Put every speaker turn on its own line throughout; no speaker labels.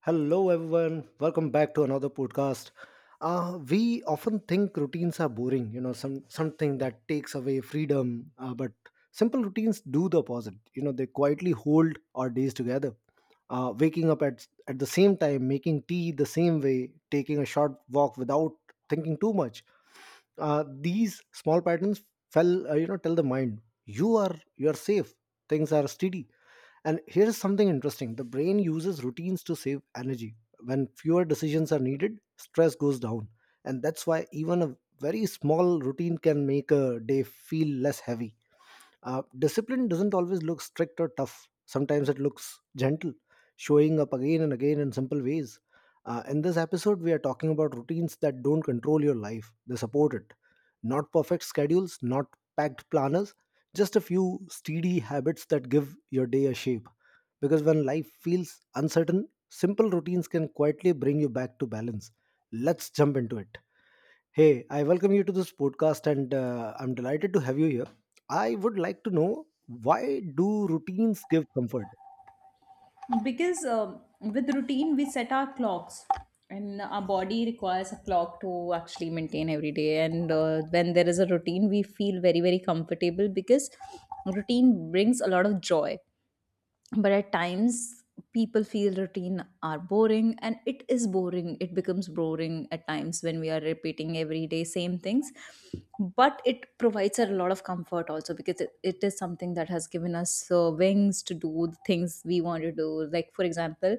Hello, everyone. Welcome back to another podcast. We often think routines are boring, you know, something that takes away freedom. But simple routines do the opposite. They quietly hold our days together. Waking up at the same time, making tea the same way, taking a short walk without thinking too much. These small patterns tell the mind you are safe. Things are steady, and here is something interesting: the brain uses routines to save energy. When fewer decisions are needed, stress goes down. And that's why even a very small routine can make a day feel less heavy. Discipline doesn't always look strict or tough, sometimes it looks gentle, showing up again and again in simple ways. In this episode, we are talking about routines that don't control your life, they support it. Not perfect schedules, not packed planners, just a few steady habits that give your day a shape. Because when life feels uncertain, simple routines can quietly bring you back to balance. Let's jump into it. Hey, I welcome you to this podcast, and I'm delighted to have you here. I would like to know, why do routines give comfort?
Because with routine we set our clocks, and our body requires a clock to actually maintain every day. And when there is a routine we feel very very comfortable, because routine brings a lot of joy. But at times people feel routine are boring, and it is boring, it becomes boring at times when we are repeating every day same things. But it provides a lot of comfort also, because it is something that has given us wings to do the things we want to do, like, for example,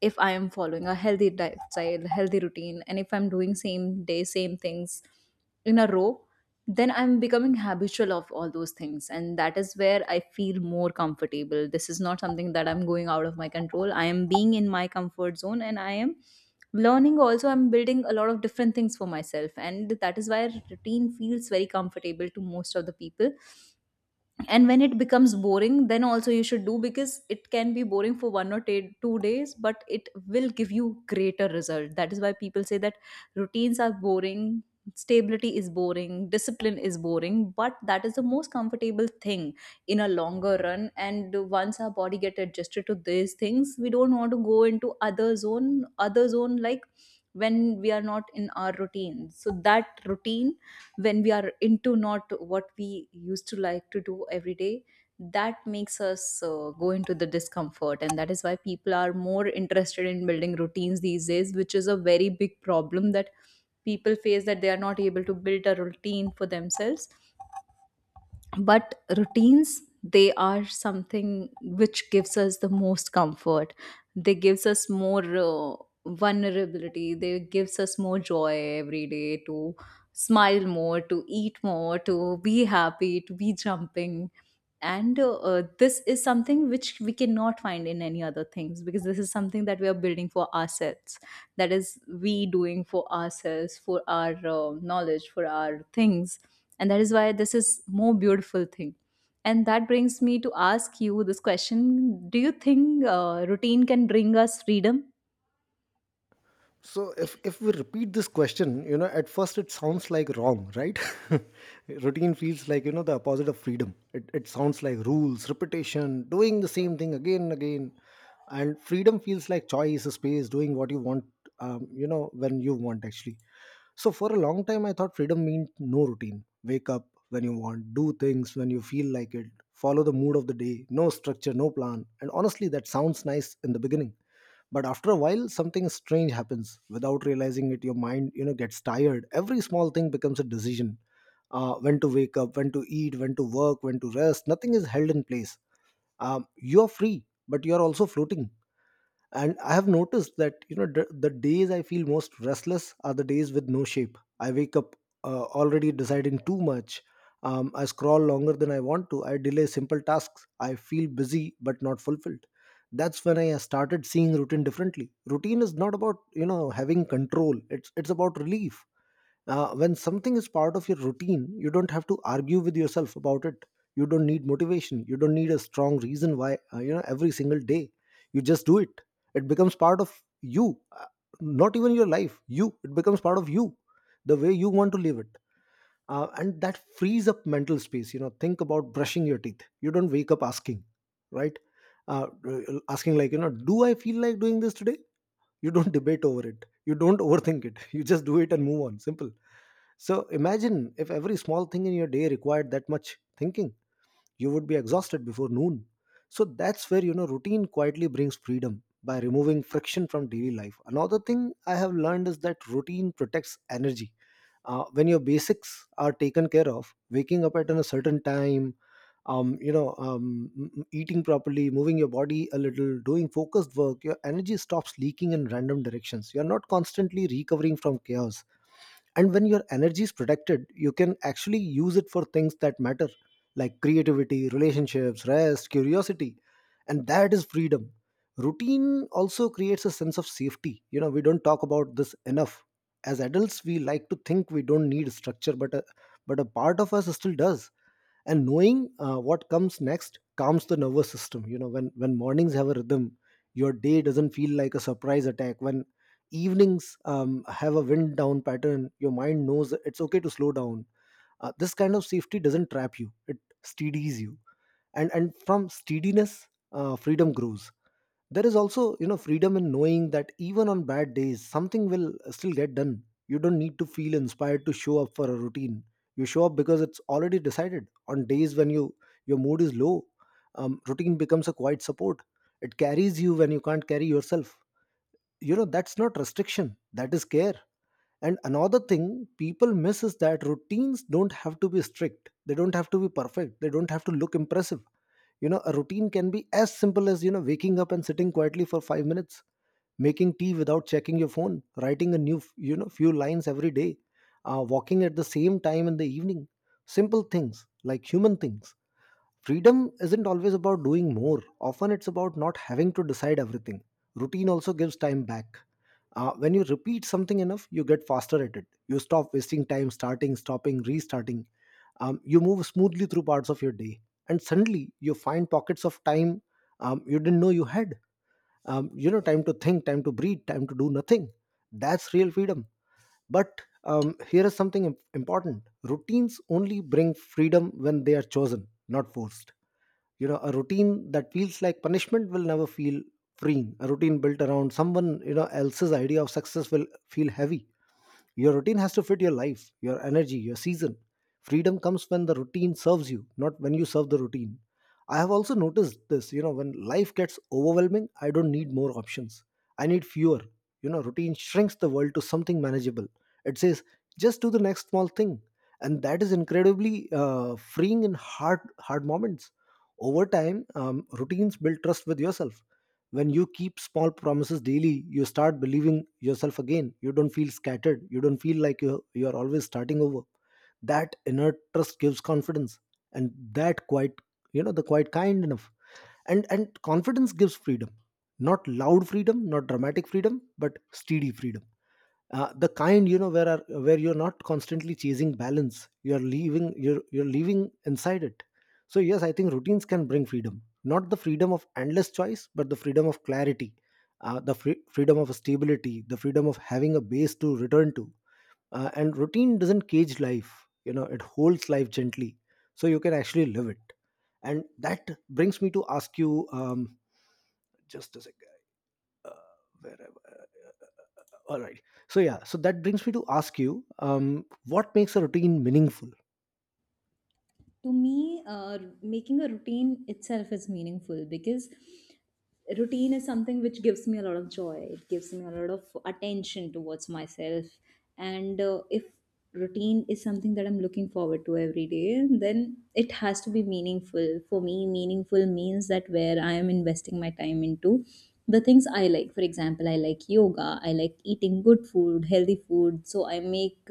if I am following a healthy lifestyle, healthy routine, and if I'm doing same day same things in a row, then I'm becoming habitual of all those things, and that is where I feel more comfortable. This is not something that I'm going out of my control. I am being in my comfort zone, and I am learning also. I'm building a lot of different things for myself, and that is why routine feels very comfortable to most of the people. And when it becomes boring, then also you should do, because it can be boring for one or 2 days, but it will give you greater result. That is why people say that routines are boring, stability is boring, discipline is boring, but that is the most comfortable thing in a longer run. And once our body get adjusted to these things, we don't want to go into other zone, like when we are not in our routine. So that routine, when we are into not what we used to like to do every day, that makes us go into the discomfort. And that is why people are more interested in building routines these days, which is a very big problem, that people face that they are not able to build a routine for themselves. But routines, they are something which gives us the most comfort. They gives us more vulnerability, they gives us more joy every day, to smile more, to eat more, to be happy, to be jumping. And this is something which we cannot find in any other things, because this is something that we are building for ourselves. That is we doing for ourselves, for our knowledge, for our things. And that is why this is more beautiful thing. And that brings me to ask you this question: do you think routine can bring us freedom?
So if we repeat this question, at first it sounds like wrong, right? Routine feels like the opposite of freedom. It sounds like rules, repetition, doing the same thing again and again. And freedom feels like choice, space, doing what you want, when you want actually. So for a long time, I thought freedom meant no routine. Wake up when you want, do things when you feel like it, follow the mood of the day, no structure, no plan. And honestly, that sounds nice in the beginning, but after a while something strange happens without realizing it. Your mind gets tired. Every small thing becomes a decision. When to wake up, when to eat, when to work, when to rest. Nothing is held in place. You are free, but you are also floating. And I have noticed that the days I feel most restless are the days with no shape. I wake up already deciding too much. I scroll longer than I want to. I delay simple tasks. I feel busy but not fulfilled. That's when I started seeing routine differently. Routine is not about having control, it's about relief. When something is part of your routine, you don't have to argue with yourself about it. You don't need motivation. You don't need a strong reason why every single day, you just do it. It becomes part of you. Not even your life, you it becomes part of you, the way you want to live it. And that frees up mental space. Think about brushing your teeth. You don't wake up asking, right? Asking like, do I feel like doing this today? You don't debate over it. You don't overthink it. You just do it and move on. Simple. So imagine if every small thing in your day required that much thinking, you would be exhausted before noon. So that's where routine quietly brings freedom by removing friction from daily life. Another thing I have learned is that routine protects energy. When your basics are taken care of, waking up at a certain time, eating properly, moving your body a little, doing focused work, your energy stops leaking in random directions. You're not constantly recovering from chaos. And when your energy is protected, you can actually use it for things that matter, like creativity, relationships, rest, curiosity. And that is freedom. Routine also creates a sense of safety. We don't talk about this enough. As adults, we like to think we don't need structure, but a part of us still does. And knowing what comes next calms the nervous system. When mornings have a rhythm, your day doesn't feel like a surprise attack. When evenings have a wind down pattern, your mind knows it's okay to slow down. This kind of safety doesn't trap you, it steadies you. And from steadiness, freedom grows. There is also freedom in knowing that even on bad days something will still get done. You don't need to feel inspired to show up for a routine. You show up because it's already decided. On days when your mood is low, routine becomes a quiet support. It carries you when you can't carry yourself. That's not restriction, that is care. And another thing people miss is that routines don't have to be strict, they don't have to be perfect, they don't have to look impressive. A routine can be as simple as waking up and sitting quietly for 5 minutes, making tea without checking your phone, writing a new f- you know few lines every day, walking at the same time in the evening. Simple things, like human things. Freedom isn't always about doing more, often it's about not having to decide everything. Routine also gives time back. When you repeat something enough, you get faster at it. You stop wasting time starting, stopping, restarting. You move smoothly through parts of your day, and suddenly you find pockets of time you didn't know you had. Time to think, time to breathe, time to do nothing. That's real freedom. But here is something important: routines only bring freedom when they are chosen, not forced. A routine that feels like punishment will never feel freeing. A routine built around someone else's idea of success will feel heavy. Your routine has to fit your life, your energy, your season. Freedom comes when the routine serves you, not when you serve the routine. I have also noticed this. When life gets overwhelming, I don't need more options. I need fewer. Routine shrinks the world to something manageable. It says, just do the next small thing. And that is incredibly freeing in hard, hard moments. Over time, routines build trust with yourself. When you keep small promises daily, you start believing yourself again. You don't feel scattered. You don't feel like you are always starting over. That inner trust gives confidence. And that quite the quite kind enough. And confidence gives freedom. Not loud freedom, not dramatic freedom, but steady freedom. The kind where you're not constantly chasing balance, you're leaving inside it. So yes, I think routines can bring freedom, not the freedom of endless choice but the freedom of clarity, the freedom of stability, the freedom of having a base to return to. And routine doesn't cage life. It holds life gently, so you can actually live it. And that brings me to ask you, just a second, uh, where, all right, so yeah, so that brings me to ask you, what makes a routine meaningful?
To me, making a routine itself is meaningful, because routine is something which gives me a lot of joy, it gives me a lot of attention towards myself. And if routine is something that I'm looking forward to every day, then it has to be meaningful for me. Meaningful means that where I am investing my time into the things I like. For example, I like yoga, I like eating good food, healthy food. So I make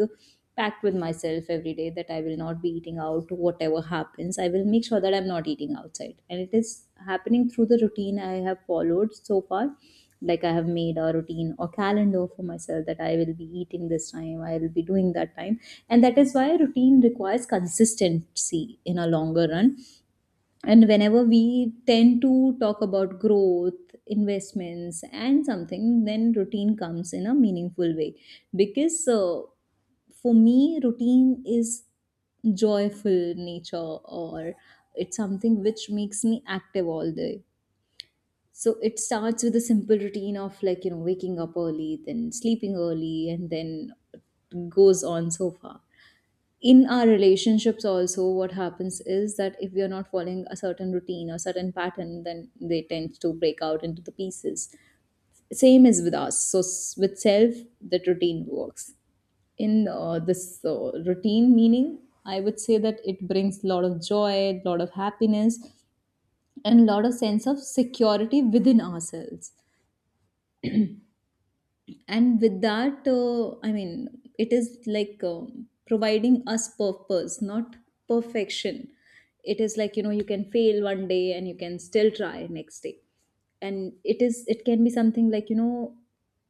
pact with myself every day that I will not be eating out, whatever happens. I will make sure that I'm not eating outside. And it is happening through the routine I have followed so far. Like, I have made a routine or calendar for myself that I will be eating this time, I will be doing that time. And that is why routine requires consistency in a longer run. And whenever we tend to talk about growth, investments and something, then routine comes in a meaningful way, because for me routine is joyful nature, or it's something which makes me active all day. So it starts with a simple routine of, like, you know, waking up early, then sleeping early, and then goes on so far. In our relationships also, what happens is that if we are not following a certain routine or certain pattern, then they tend to break out into the pieces. Same is with us. So with self, that routine works in this routine meaning, I would say that it brings a lot of joy, a lot of happiness, and a lot of sense of security within ourselves. And with that, I mean, it is like providing us purpose, not perfection. It is like, you know, you can fail one day and you can still try next day. And it can be something like, you know,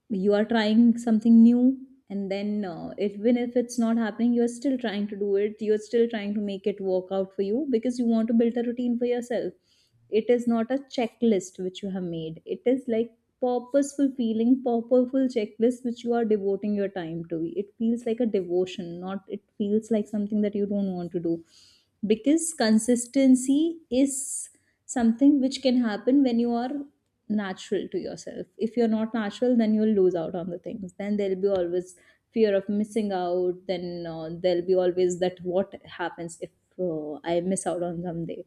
you are trying something new. And then even if it's not happening, you are still trying to do it, you're still trying to make it work out for you, because you want to build a routine for yourself. It is not a checklist which you have made. It is like purposeful feeling, purposeful checklist which you are devoting your time to. It feels like a devotion, not it feels like something that you don't want to do. Because consistency is something which can happen when you are natural to yourself. If you're not natural, then you'll lose out on the things. Then there'll be always fear of missing out. Then there'll be always that what happens if I miss out on someday.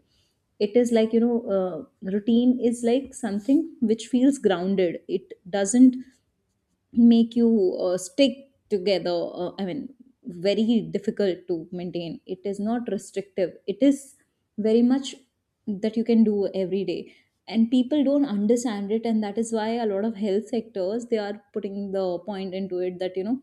It is like, you know, routine is like something which feels grounded. It doesn't make you stick together, I mean, very difficult to maintain. It is not restrictive, it is very much that you can do every day. And people don't understand it, and that is why a lot of health sectors, they are putting the point into it that, you know,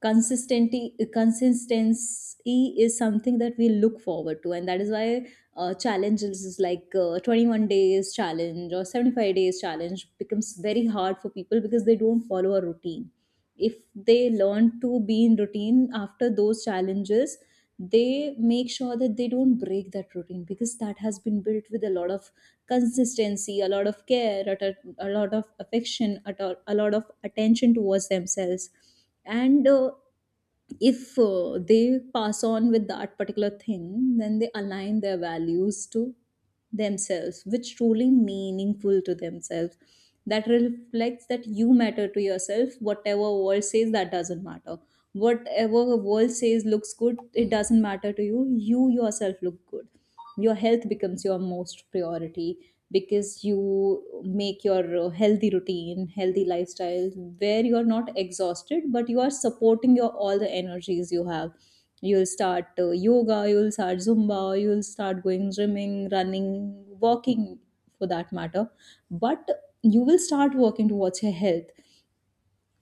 consistency consistency is something that we look forward to. And that is why challenges like 21 days challenge or 75 days challenge becomes very hard for people, because they don't follow a routine. If they learn to be in routine after those challenges, they make sure that they don't break that routine, because that has been built with a lot of consistency, a lot of care at a lot of affection at all, a lot of attention towards themselves. And if they pass on with that particular thing, then they align their values to themselves, which truly meaningful to themselves. That reflects that you matter to yourself. Whatever world says, that doesn't matter. Whatever world says looks good, it doesn't matter to you. You yourself look good. Your health becomes your most priority, because you make your healthy routine, healthy lifestyle, where you are not exhausted but you are supporting your all the energies you have. You'll start yoga, you'll start zumba, you'll start going swimming, running, walking, for that matter. But you will start working towards your health.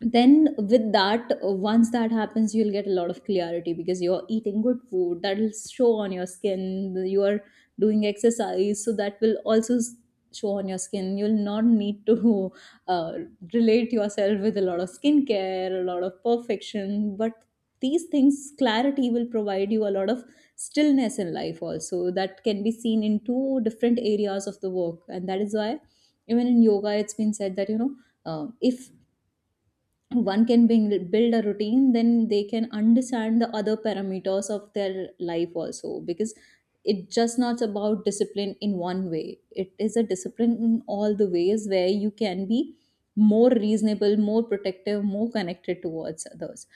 Then with that, once that happens, you'll get a lot of clarity, because you're eating good food, that'll show on your skin. You are doing exercise, so that will also show on your skin. You'll not need to uh, relate yourself with a lot of skincare, a lot of perfection. But these things, clarity will provide you a lot of stillness in life also, that can be seen in two different areas of the work. And that is why even in yoga, it's been said that, you know, if one can build a routine, then they can understand the other parameters of their life also, because it's just not about discipline in one way. It is a discipline in all the ways, where you can be more reasonable, more protective, more connected towards others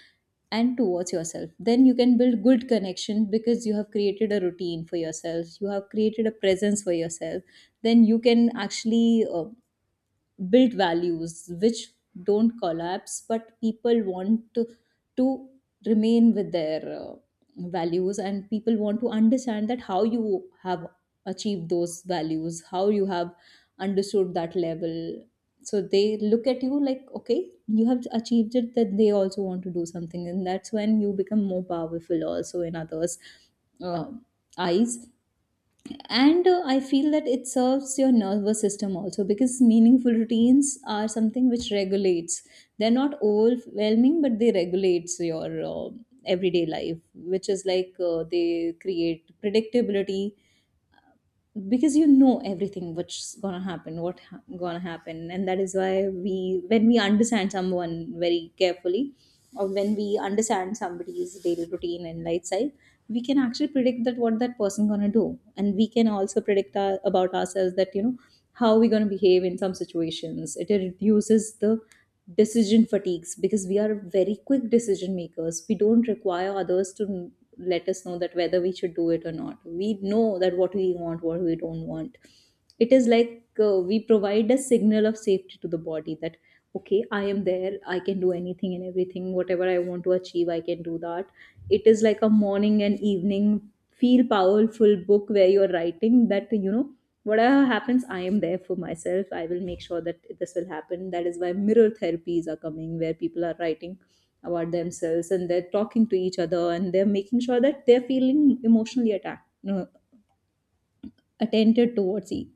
and towards yourself. Then you can build good connection, because you have created a routine for yourself, you have created a presence for yourself. Then you can actually build values which don't collapse. But people want to remain with their values. And people want to understand that how you have achieved those values, how you have understood that level. So they look at you like, okay, you have achieved it, that they also want to do something. And that's when you become more powerful also in others uh, eyes. And I feel that it serves your nervous system also, because meaningful routines are something which regulates. They're not overwhelming, but they regulates your uh, everyday life. Which is like, they create predictability, because you know everything what's gonna happen, what gonna happen. And that is why we, when we understand someone very carefully, or when we understand somebody's daily routine and lifestyle, we can actually predict that what that person gonna do. And we can also predict about ourselves, that, you know, how we gonna behave in some situations. It reduces the decision fatigues, because we are very quick decision makers. We don't require others to let us know that whether we should do it or not. We know that what we want, what we don't want. It is like, we provide a signal of safety to the body that okay, I am there, I can do anything and everything, whatever I want to achieve I can do That it is like a morning and evening feel powerful book where you're writing that you know whatever happens I am there for myself. I will make sure that this will happen. That is why mirror therapies are coming, where people are writing about themselves and they're talking to each other and they're making sure that they're feeling emotionally attacked, you know, attentive towards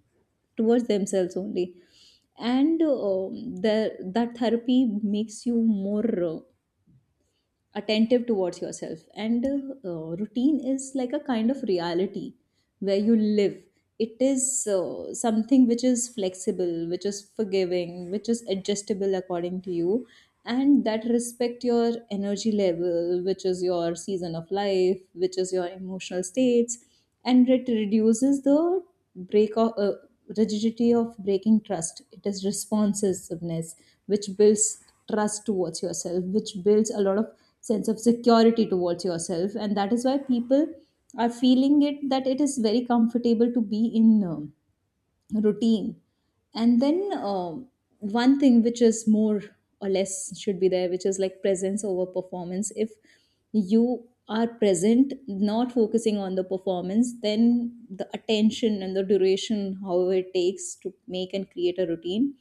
towards themselves only. And the that therapy makes you more attentive towards yourself. And routine is like a kind of reality where you live. It is something which is flexible, which is forgiving, which is adjustable according to you, and that respect your energy level, which is your season of life, which is your emotional states. And it reduces the break of, uh, rigidity of breaking trust. It is responsiveness, which builds trust towards yourself, which builds a lot of sense of security towards yourself. And that is why people are feeling it that it is very comfortable to be in. Routine. And then one thing which is more or less should be there, which is like presence over performance. If you are present, not focusing on the performance, then the attention and the duration however it takes to make and create a routine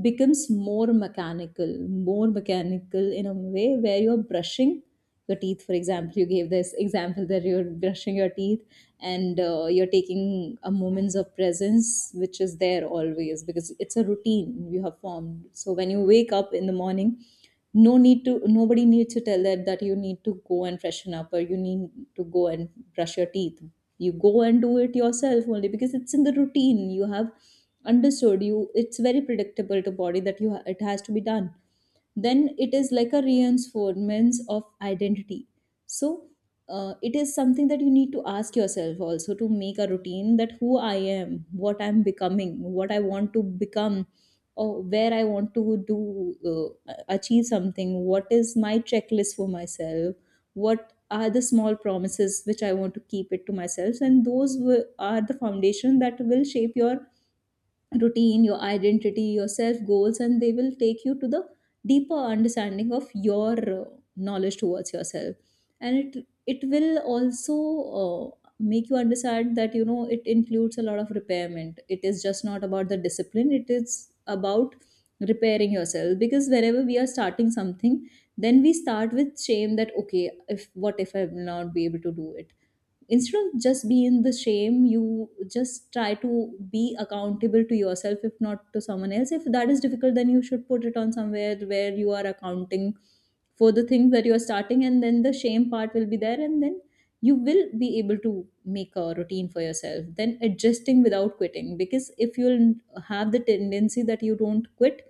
becomes more mechanical, more mechanical, in a way where you're brushing your teeth. For example, you gave this example that you're brushing your teeth, and you're taking a moments of presence, which is there always because it's a routine you have formed. So when you wake up in the morning, no need to, nobody needs to tell that that you need to go and freshen up, or you need to go and brush your teeth. You go and do it yourself only, because it's in the routine you have understood. You, it's very predictable to body that you it has to be done. Then it is like a reinforcement of identity. So it is something that you need to ask yourself also to make a routine, that who I am, what I'm becoming, what I want to become, or where I want to do achieve something, what is my checklist for myself, what are the small promises which I want to keep it to myself, and those are the foundation that will shape your routine, your identity, your self goals, and they will take you to the deeper understanding of your knowledge towards yourself. And it will also make you understand that you know it includes a lot of repairment. It is just not about the discipline. It is about repairing yourself, because whenever we are starting something, then we start with shame that okay, if what if I will not be able to do it. Instead of just be in the shame, you just try to be accountable to yourself, if not to someone else. If that is difficult, then you should put it on somewhere where you are accounting for the things that you are starting, and then the shame part will be there, and then you will be able to make a routine for yourself, then adjusting without quitting. Because if you'll have the tendency that you don't quit,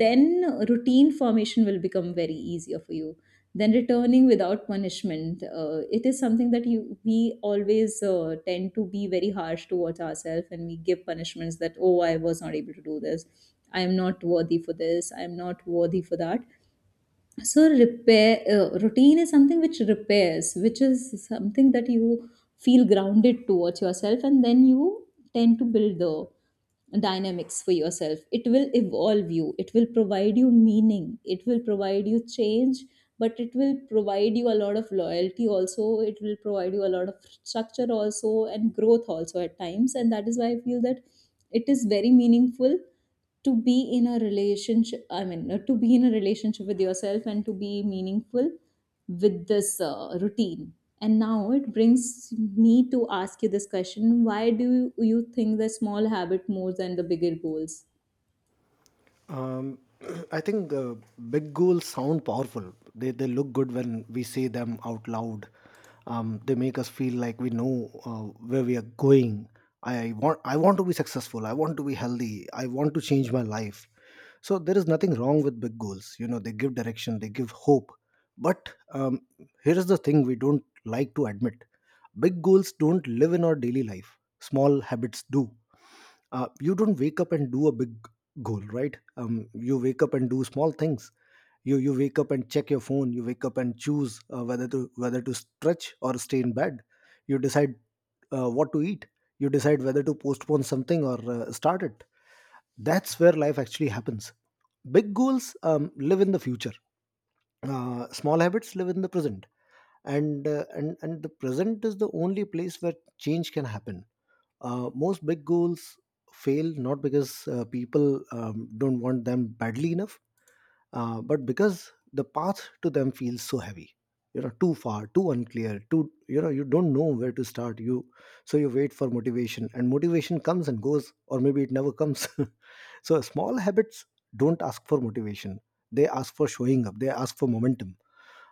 then routine formation will become very easier for you than returning without punishment. It is something that you, we always tend to be very harsh towards ourselves, and we give punishments that oh, I was not able to do this, I am not worthy for this, I am not worthy for that. So repair, routine is something which repairs, which is something that you feel grounded towards yourself, and then you tend to build the dynamics for yourself. It will evolve you, it will provide you meaning, it will provide you change, but it will provide you a lot of loyalty also, it will provide you a lot of structure also and growth also at times. And that is why I feel that it is very meaningful to be in a relationship, I mean to be in a relationship with yourself and to be meaningful with this routine. And now it brings me to ask you this question: why do you think the small habit more than the bigger goals?
Um, I think big goals sound powerful. They look good when we say them out loud. They make us feel like we know where we are going. I want to be successful. I want to be healthy. I want to change my life. So there is nothing wrong with big goals. They give direction. They give hope. But here is the thing we don't like to admit: big goals don't live in our daily life. Small habits do. You don't wake up and do a big goal, right? You wake up and do small things. You wake up and check your phone you wake up and choose whether to stretch or stay in bed. You decide what to eat. You decide whether to postpone something or start it. That's where life actually happens. Big goals live in the future. Small habits live in the present. And the present is the only place where change can happen. Most big goals fail not because people don't want them badly enough, but because the path to them feels so heavy. Too far, too unclear, too, you don't know where to start. You so you wait for motivation, and motivation comes and goes, or maybe it never comes. So small habits don't ask for motivation, they ask for showing up, they ask for momentum.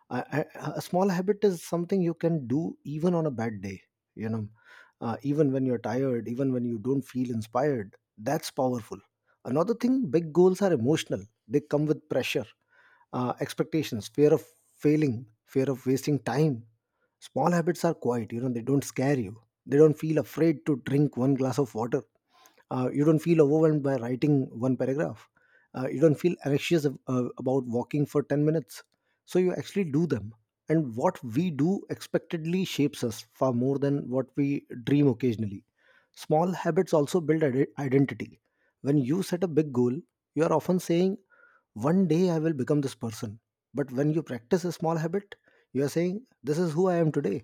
I, I, a small habit is something you can do even on a bad day you know Even when you're tired, even when you don't feel inspired, that's powerful. Another thing, big goals are emotional, they come with pressure, expectations, fear of failing, fear of wasting time. Small habits are quiet, you know, they don't scare you. They don't feel afraid to drink one glass of water. You don't feel overwhelmed by writing one paragraph. You don't feel anxious about walking for 10 minutes. So you actually do them, and what we do expectedly shapes us far more than what we dream occasionally. Small habits also build identity. When you set a big goal, you are often saying, one day I will become this person. But when you practice a small habit, you are saying, this is who I am today.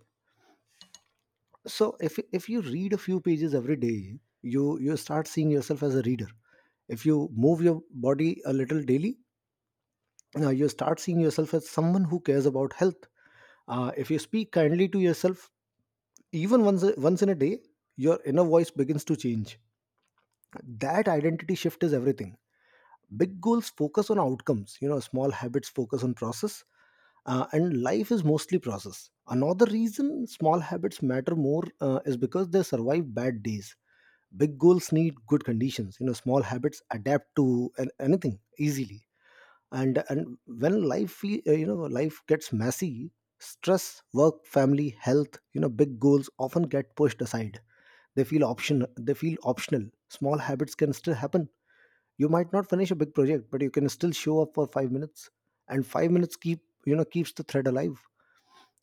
So if you read a few pages every day, you start seeing yourself as a reader. If you move your body a little daily, you start seeing yourself as someone who cares about health. If you speak kindly to yourself, even once in a day, your inner voice begins to change. That identity shift is everything. Big goals focus on outcomes, you know, small habits focus on process. And life is mostly process. Another reason small habits matter more is because they survive bad days. Big goals need good conditions, you know, small habits adapt to anything easily. And when you know, life gets messy, stress, work, family, health, you know, big goals often get pushed aside. They feel option they feel optional. Small habits can still happen. You might not finish a big project, but you can still show up for 5 minutes, and 5 minutes keeps the thread alive.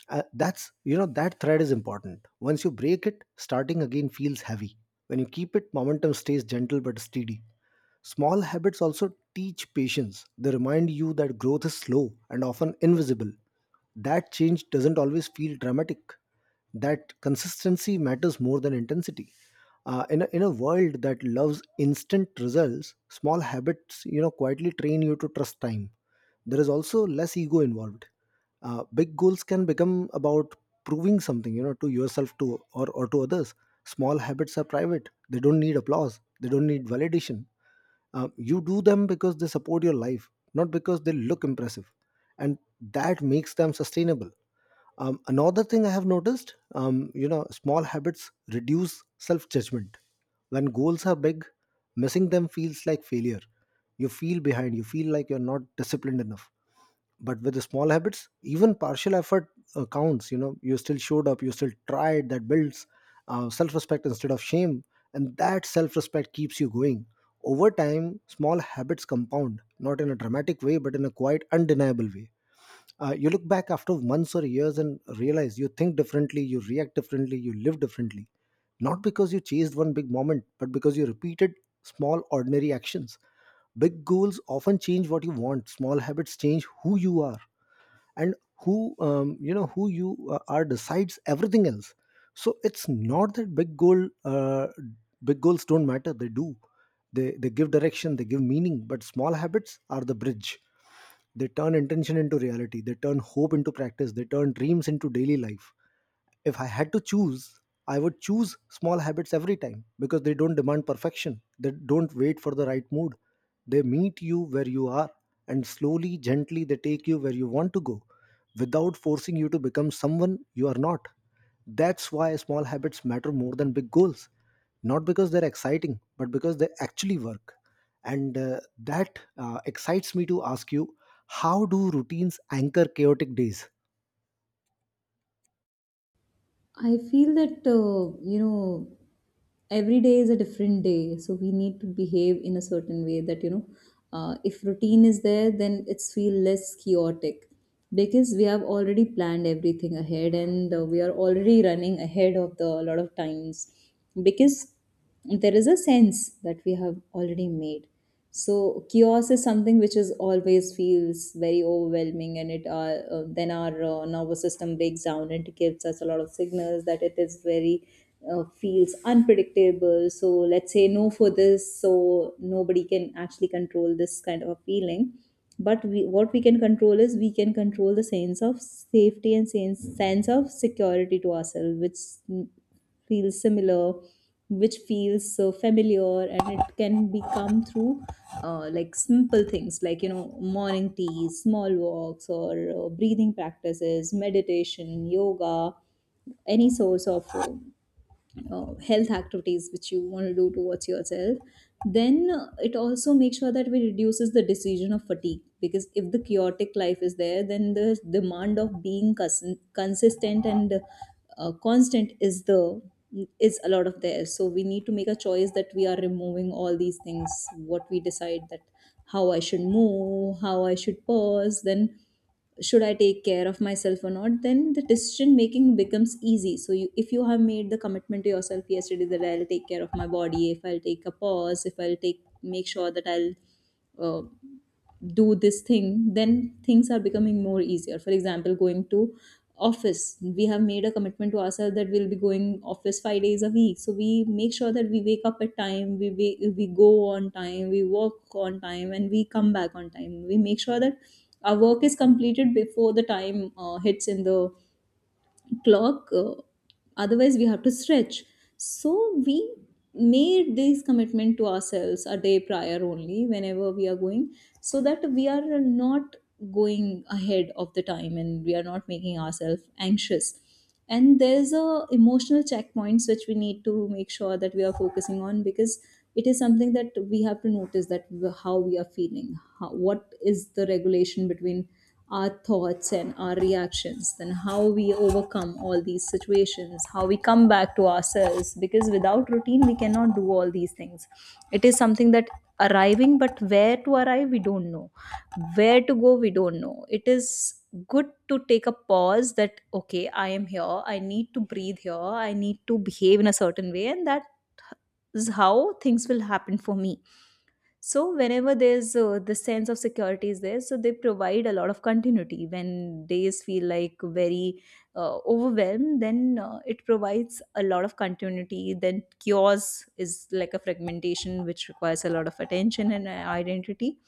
That's, you know, that thread is important. Once you break it, starting again feels heavy. When you keep it, momentum stays gentle but steady. Small habits also teach patience. They remind you that growth is slow and often invisible, that change doesn't always feel dramatic, that consistency matters more than intensity. In a world that loves instant results, small habits, you know, quietly train you to trust time. There is also less ego involved. Big goals can become about proving something, you know, to yourself to or to others. Small habits are private. They don't need applause. They don't need validation. You do them because they support your life, not because they look impressive. And that makes them sustainable. Another thing I have noticed, you know, small habits reduce self judgment. When goals are big, missing them feels like failure. You feel behind, you feel like you're not disciplined enough. But with the small habits, even partial effort counts. You know, you still showed up, you still tried. That builds self-respect instead of shame, and that self-respect keeps you going. Over time, small habits compound, not in a dramatic way, but in a quite undeniable way. You look back after months or years and realize you think differently, you react differently, you live differently, not because you chased one big moment, but because you repeated small ordinary actions. Big goals often change what you want, small habits change who you are. And who you know who you are decides everything else. So it's not that big goals don't matter, they do. They give direction, they give meaning, but small habits are the bridge. They turn intention into reality. They turn hope into practice. They turn dreams into daily life. If I had to choose, I would choose small habits every time, because they don't demand perfection. They don't wait for the right mood. They meet you where you are, and slowly, gently, they take you where you want to go, without forcing you to become someone you are not. That's why small habits matter more than big goals, not because they're exciting, but because they actually work. And That excites me to ask you, how do routines anchor chaotic days?
I feel that, you know, every day is a different day. So we need to behave in a certain way that, you know, if routine is there, then it's feel less chaotic, because we have already planned everything ahead, and we are already running ahead of the a lot of times, because there is a sense that we have already made. So chaos is something which is always feels very overwhelming, and it then our nervous system breaks down. And It gives us a lot of signals that it is very feels unpredictable. So let's say no for this, so nobody can actually control this kind of a feeling. But we, what we can control is we can control the sense of safety and sense of security to ourselves, which feels similar, which feels so familiar. And it can become through like simple things like, you know, morning tea, small walks, or breathing practices, meditation, yoga, any source of health activities which you want to do towards yourself. Then it also makes sure that we reduces the decision of fatigue, because if the chaotic life is there, then the demand of being consistent and constant is the, is a lot of there. So we need to make a choice that we are removing all these things, what we decide that how I should move, how I should pause, then should I take care of myself or not. Then the decision making becomes easy. So you, if you have made the commitment to yourself yesterday that I'll take care of my body, if I'll take a pause, if I'll take make sure that I'll uh, do this thing, then things are becoming more easier. For example, going to office, we have made a commitment to ourselves that we'll be going office 5 days a week, so we make sure that we wake up at time, we go on time, we work on time, and we come back on time. We make sure that our work is completed before the time hits in the clock. Otherwise we have to stretch. So we made this commitment to ourselves a day prior only whenever we are going, so that we are not going ahead of the time and we are not making ourselves anxious. And there's a emotional checkpoints which we need to make sure that we are focusing on, because it is something that we have to notice, that how we are feeling, how, what is the regulation between our thoughts and our reactions, then how we overcome all these situations, how we come back to ourselves, because without routine we cannot do all these things. It is something that arriving, but where to arrive we don't know, where to go we don't know. It is good to take a pause, that okay I am here, I need to breathe here, I need to behave in a certain way, and that is how things will happen for me. So whenever there's the sense of security is there, so they provide a lot of continuity when days feel like very overwhelmed. Then it provides a lot of continuity. Then chaos is like a fragmentation which requires a lot of attention and identity.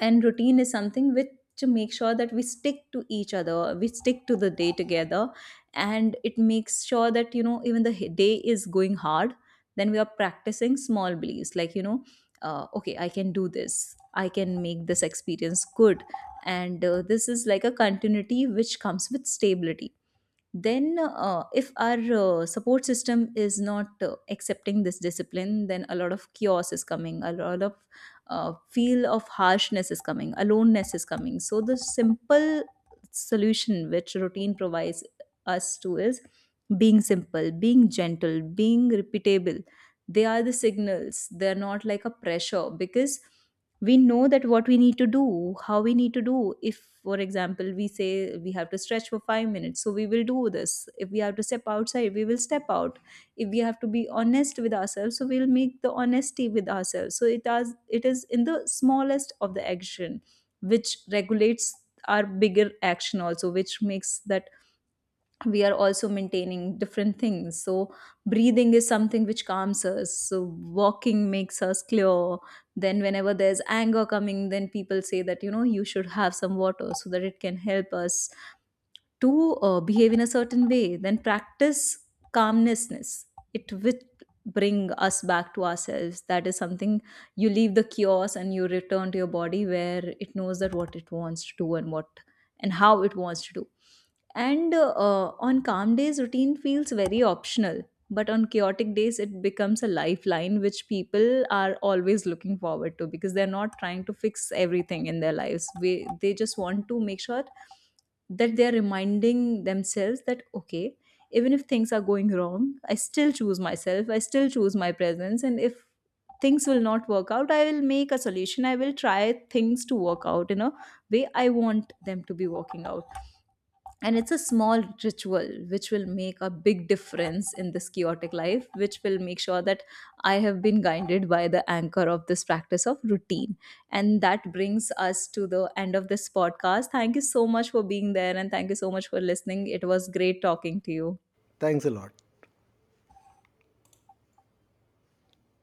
And routine is something which to make sure that we stick to each other, we stick to the day together. And it makes sure that, you know, even the day is going hard, then we are practicing small beliefs like, you know, okay I can do this, I can make this experience good. And this is like a continuity which comes with stability. Then if our support system is not accepting this discipline, then a lot of chaos is coming, a lot of feel of harshness is coming, aloneness is coming. So the simple solution which routine provides us to is being simple, being gentle, being repeatable. They are the signals, they're not like a pressure, because we know that what we need to do, how we need to do. If for example we say we have to stretch for 5 minutes, so we will do this. If we have to step outside, we will step out. If we have to be honest with ourselves, so we'll make the honesty with ourselves. So it does, it is in the smallest of the action which regulates our bigger action also, which makes that we are also maintaining different things. So breathing is something which calms us, so walking makes us clear. Then whenever there's anger coming, then people say that, you know, you should have some water so that it can help us to behave in a certain way, then practice calmnessness. It will bring us back to ourselves. That is something, you leave the chaos and you return to your body where it knows that what it wants to do, and what and how it wants to do. And on calm days, routine feels very optional. But on chaotic days, it becomes a lifeline which people are always looking forward to, because they're not trying to fix everything in their lives. We, they just want to make sure that they're reminding themselves that, okay, even if things are going wrong, I still choose myself, I still choose my presence. And if things will not work out, I will make a solution. I will try things to work out in a way I want them to be working out. And it's a small ritual which will make a big difference in this chaotic life, which will make sure that I have been guided by the anchor of this practice of routine. And that brings us to the end of this podcast. Thank you so much for being there, and thank you so much for listening. It was great talking to you.
Thanks a lot.